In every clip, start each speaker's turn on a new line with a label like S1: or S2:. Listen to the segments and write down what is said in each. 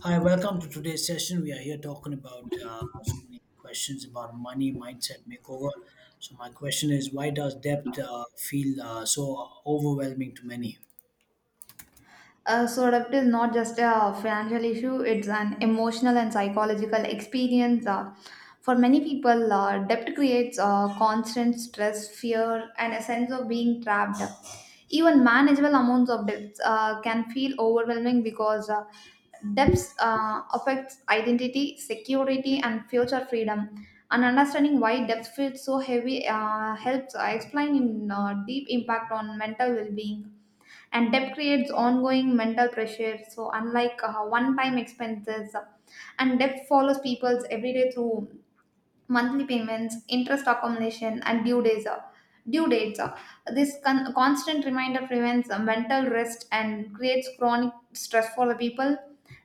S1: Hi, welcome to today's session. We are here talking about so many questions about money, mindset, makeover. So, my question is why does debt feel so overwhelming to many?
S2: So debt is not just a financial issue; it's an emotional and psychological experience. For many people, debt creates constant stress, fear, and a sense of being trapped. Even manageable amounts of debts can feel overwhelming because debts affects identity, security, and future freedom. And understanding why debt feels so heavy helps explain in deep impact on mental well-being, and debt creates ongoing mental pressure, so unlike one time expenses, and debt follows people's everyday through monthly payments, interest accumulation, and due dates. This constant reminder prevents mental rest and creates chronic stress for the people.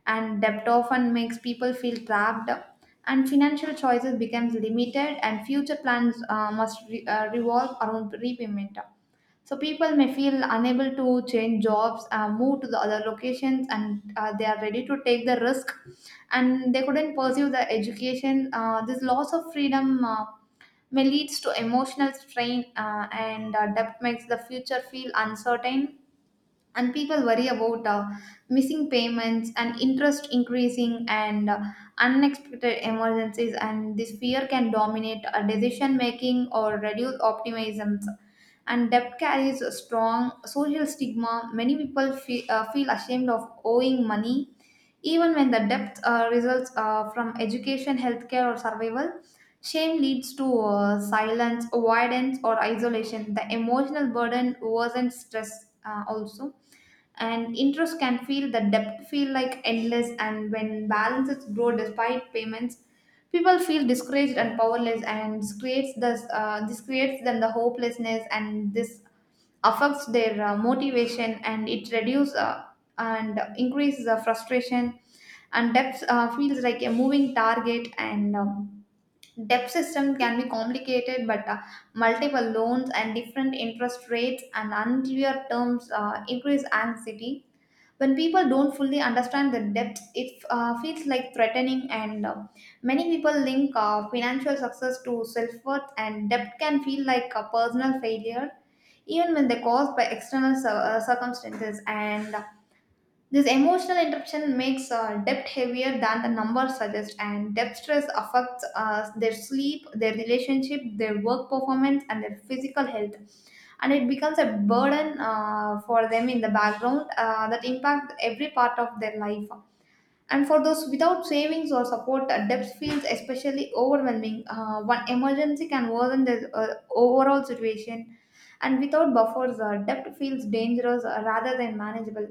S2: And debt often makes people feel trapped, and financial choices becomes limited, and future plans must revolve around repayment. So people may feel unable to change jobs, move to the other locations, and they are ready to take the risk, and they couldn't pursue the education. This loss of freedom may leads to emotional strain, and debt makes the future feel uncertain, and people worry about missing payments and interest increasing and unexpected emergencies, and this fear can dominate decision making or reduce optimism. And debt carries a strong social stigma. Many people feel ashamed of owing money even when the debt results from education, healthcare, or survival. Shame leads to silence, avoidance, or isolation. The emotional burden worsens stress also, and interest can feel the debt feel like endless. And when balances grow despite payments, people feel discouraged and powerless, and this creates this creates then the hopelessness, and this affects their motivation, and it reduces and increases the frustration. And depth feels like a moving target. And debt system can be complicated, but multiple loans and different interest rates and unclear terms increase anxiety. When people don't fully understand the depth, it feels like threatening, and many people link financial success to self worth, and debt can feel like a personal failure, even when they're caused by external circumstances. And this emotional interruption makes debt heavier than the numbers suggest. And debt stress affects their sleep, their relationship, their work performance, and their physical health, and it becomes a burden for them in the background that impact every part of their life. And for those without savings or support, debt feels especially overwhelming. One emergency can worsen the overall situation, and without buffers, debt feels dangerous rather than manageable.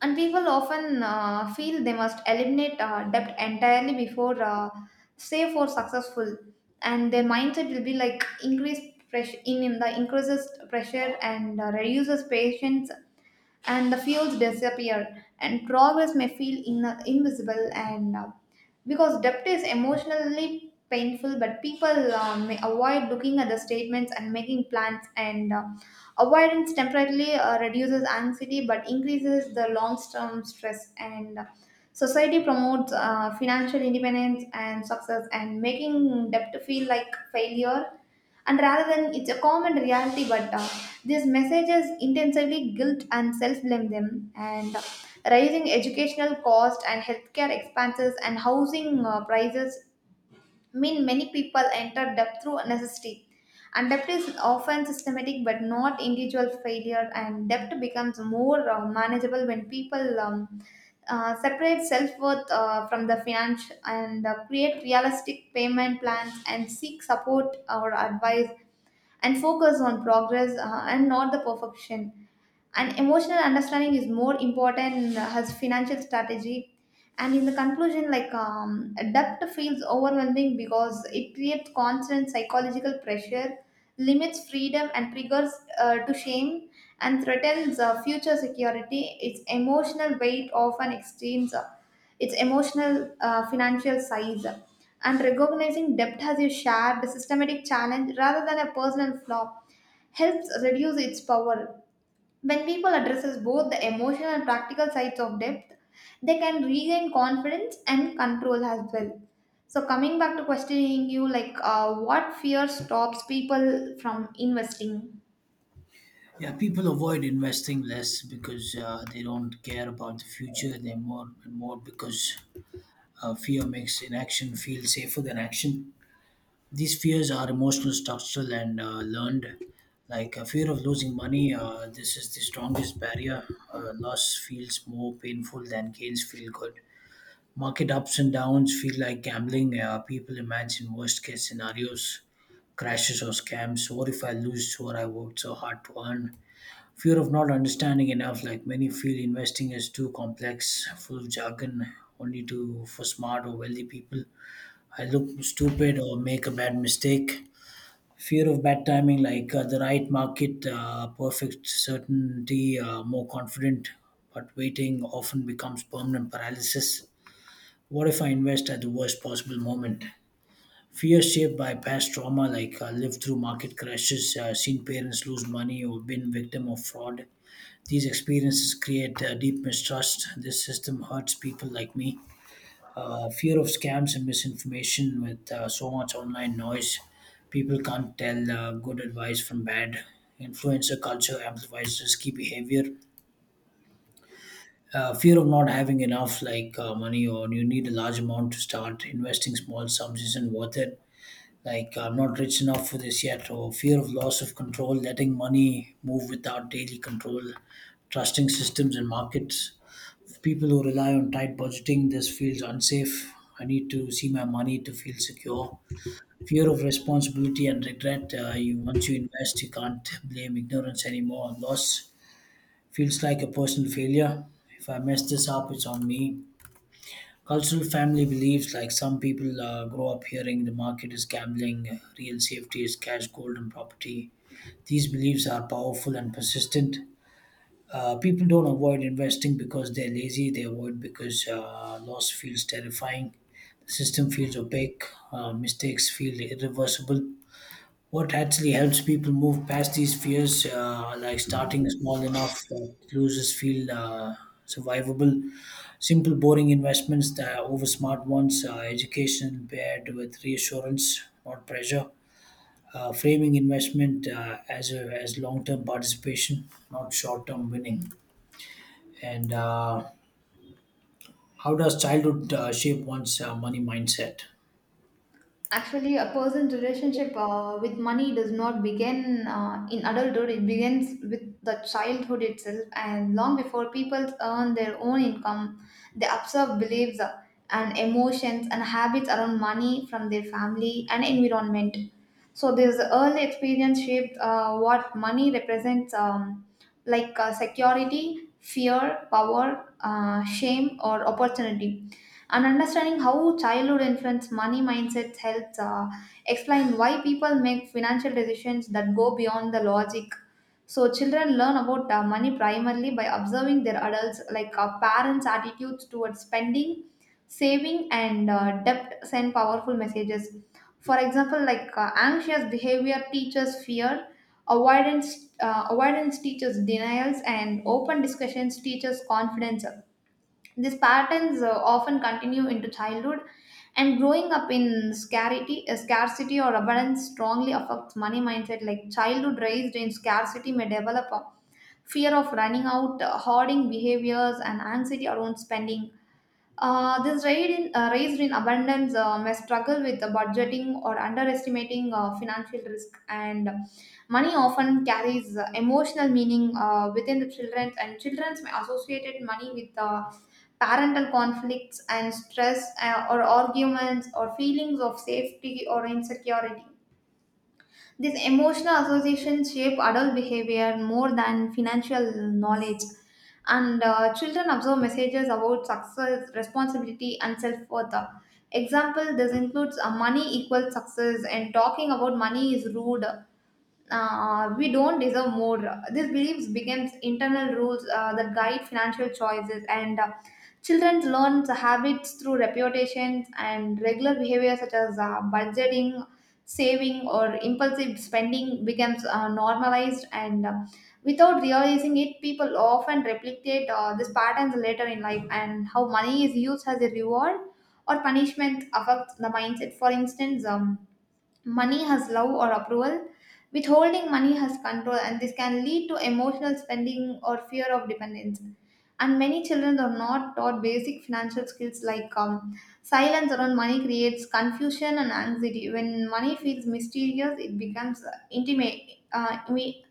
S2: And people often feel they must eliminate debt entirely before safe or successful, and their mindset will be like increased pressure in the increases pressure and reduces patience, and the fields disappear, and progress may feel invisible. And because debt is emotionally painful, but people may avoid looking at the statements and making plans, and avoidance temporarily reduces anxiety but increases the long-term stress. And society promotes financial independence and success, and making debt feel like failure, and rather than it's a common reality. But these messages intensively guilt and self-blame them. And rising educational cost and healthcare expenses and housing prices mean, many people enter debt through necessity, and debt is often systematic but not individual failure. And debt becomes more manageable when people separate self worth from the finance, and create realistic payment plans, and seek support or advice, and focus on progress, and not the perfection. And emotional understanding is more important as financial strategy. And in the conclusion, like, debt feels overwhelming because it creates constant psychological pressure, limits freedom, and triggers to shame and threatens future security. Its emotional weight often extends its emotional financial size, and recognizing debt as a shared systematic challenge rather than a personal flaw helps reduce its power. When people addresses both the emotional and practical sides of depth, they can regain confidence and control as well. So coming back to questioning you, like, what fear stops people from investing?
S1: Yeah, people avoid investing less because they don't care about the future. They're more and more because fear makes inaction feel safer than action. These fears are emotional, structural, and learned. Like a fear of losing money, this is the strongest barrier. Loss feels more painful than gains feel good. Market ups and downs feel like gambling. People imagine worst case scenarios, crashes or scams. What if I lose what I worked so hard to earn? Fear of not understanding enough. Like many feel investing is too complex, full of jargon, only to for smart or wealthy people. I look stupid or make a bad mistake. Fear of bad timing, like the right market, perfect certainty, more confident, but waiting often becomes permanent paralysis. What if I invest at the worst possible moment? Fear shaped by past trauma, like lived through market crashes, seen parents lose money, or been victim of fraud. These experiences create deep mistrust. This system hurts people like me. Fear of scams and misinformation with so much online noise, people can't tell good advice from bad. Influencer culture amplifies risky behavior. Fear of not having enough, like money or you need a large amount to start investing, small sums isn't worth it, like I'm not rich enough for this yet. Or fear of loss of control, letting money move without daily control, trusting systems and markets. For people who rely on tight budgeting, this feels unsafe. I need to see my money to feel secure. Fear of responsibility and regret. Once you invest, you can't blame ignorance anymore. Loss feels like a personal failure. If I mess this up, it's on me. Cultural family beliefs, like some people grow up hearing the market is gambling, real safety is cash, gold, and property. These beliefs are powerful and persistent. People don't avoid investing because they're lazy. They avoid because loss feels terrifying. The system feels opaque. Mistakes feel irreversible. What actually helps people move past these fears? Like starting small enough that losers feel survivable, simple, boring investments that are over smart ones, education paired with reassurance, not pressure. Framing investment as long term participation, not short term winning. And How does childhood shape one's money mindset?
S2: Actually, a person's relationship with money does not begin in adulthood. It begins with the childhood itself, and long before people earn their own income, they observe beliefs and emotions and habits around money from their family and environment. So, this early experience shaped what money represents, like, security, fear, power, shame, or opportunity. And understanding how childhood influence money mindsets helps explain why people make financial decisions that go beyond the logic. So children learn about money primarily by observing their adults. Like, parents attitudes towards spending, saving, and debt send powerful messages. For example, like, anxious behavior teaches fear, avoidance. Avoidance teaches denials, and open discussions teaches confidence. These patterns often continue into childhood. And growing up in scarcity, scarcity or abundance strongly affects money mindset. Like, childhood raised in scarcity may develop a fear of running out, hoarding behaviors, and anxiety around spending. This raised in abundance may struggle with the budgeting or underestimating financial risk. And money often carries emotional meaning within the children, and children may associate money with parental conflicts and stress or arguments or feelings of safety or insecurity. These emotional associations shape adult behavior more than financial knowledge. And children absorb messages about success, responsibility, and self worth. Example, this includes money equals success, and talking about money is rude, we don't deserve more. These beliefs becomes internal rules that guide financial choices. And children learn the habits through reputations and regular behavior such as budgeting, saving, or impulsive spending becomes normalized. And without realizing it, people often replicate these patterns later in life. And how money is used as a reward or punishment affects the mindset. For instance, money has love or approval. Withholding money has control, and this can lead to emotional spending or fear of dependence. And many children are not taught basic financial skills. Like, silence around money creates confusion and anxiety. When money feels mysterious, it becomes intimate. Uh, we-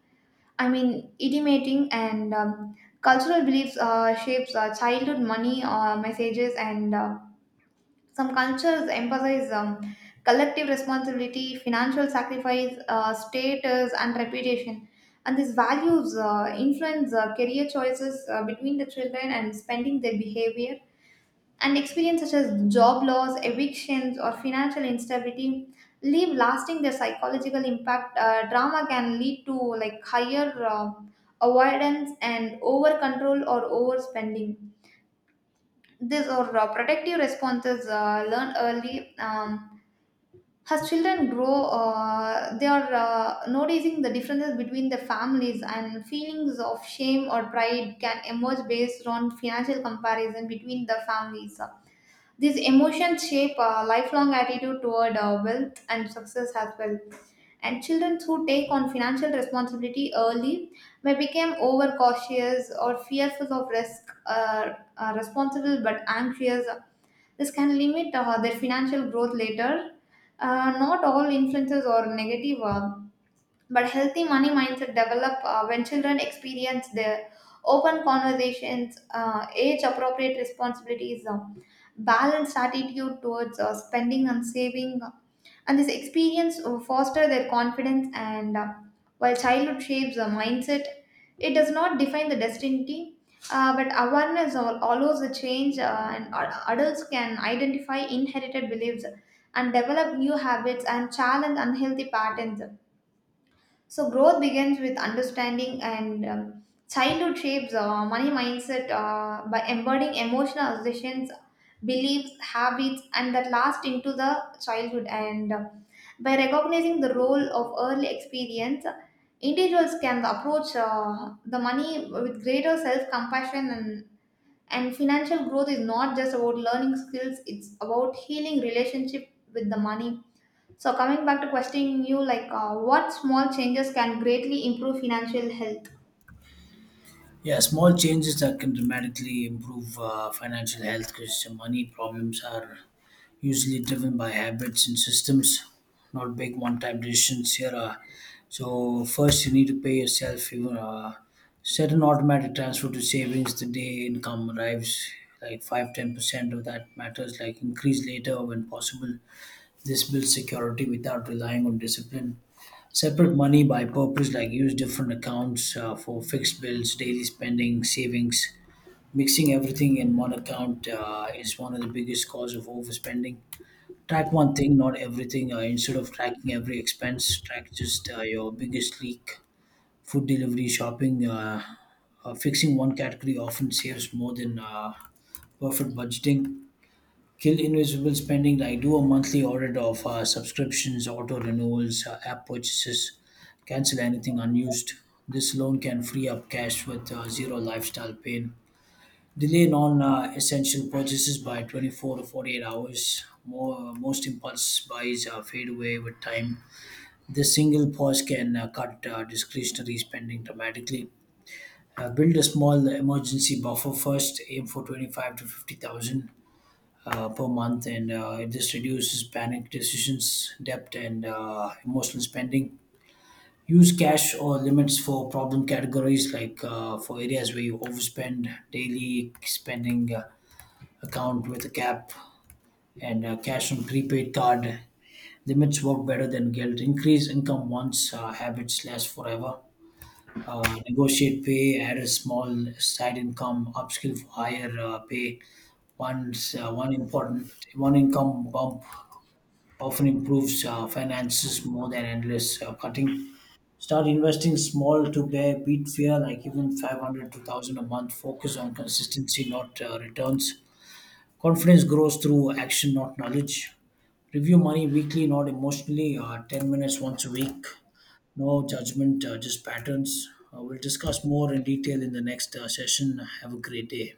S2: I mean, intimating. And cultural beliefs shapes childhood money messages. And some cultures emphasize collective responsibility, financial sacrifice, status, and reputation. And these values influence career choices between the children and spending their behavior. And experience such as job loss, evictions, or financial instability leave lasting their psychological impact. Drama can lead to like higher avoidance and over control or overspending. These are protective responses learned early. As children grow, they are noticing the differences between the families, and feelings of shame or pride can emerge based on financial comparison between the families. These emotions shape a lifelong attitude toward wealth and success as well. And children who take on financial responsibility early may become overcautious or fearful of risk, responsible but anxious. This can limit their financial growth later. Not all influences are negative. But healthy money mindset develop when children experience their open conversations, age-appropriate responsibilities, balanced attitude towards spending and saving, and this experience foster their confidence. And while childhood shapes a mindset, it does not define the destiny. But awareness allows a change, and adults can identify inherited beliefs and develop new habits and challenge unhealthy patterns. So growth begins with understanding. And childhood shapes money mindset by embedding emotional assertions, beliefs, habits, and that last into the childhood. And by recognizing the role of early experience, individuals can approach the money with greater self-compassion. And financial growth is not just about learning skills; it's about healing relationship with the money. So coming back to questioning you, like, what small changes can greatly improve financial health?
S1: Yeah, small changes that can dramatically improve financial health, because money problems are usually driven by habits and systems, not big one-time decisions here. So first, you need to pay yourself. You Set an automatic transfer to savings the day income arrives, like 5–10% of that matters. Like increase later when possible. This builds security without relying on discipline. Separate money by purpose, like use different accounts for fixed bills, daily spending, savings. Mixing everything in one account is one of the biggest cause of overspending. Track one thing, not everything. Instead of tracking every expense, track just your biggest leak. Food delivery, shopping, fixing one category often saves more than perfect budgeting. Kill invisible spending. I do a monthly audit of subscriptions, auto renewals, app purchases, cancel anything unused. This alone can free up cash with zero lifestyle pain. Delay non essential purchases by 24 to 48 hours. Most impulse buys fade away with time. This single pause can cut discretionary spending dramatically. Build a small emergency buffer first, aim for 25 to 50,000 per month, and it just reduces panic decisions, debt, and emotional spending. Use cash or limits for problem categories, like for areas where you overspend. Daily spending account with a cap, and cash on prepaid card. Limits work better than guilt. Increase income once, habits last forever. Negotiate pay, add a small side income, upskill for higher pay. One important one income bump often improves finances more than endless cutting. Start investing small to bear, beat fear, like even 500 to 1000 a month. Focus on consistency, not returns. Confidence grows through action, not knowledge. Review money weekly, not emotionally. 10 minutes once a week. No judgment, just patterns. We'll discuss more in detail in the next session. Have a great day.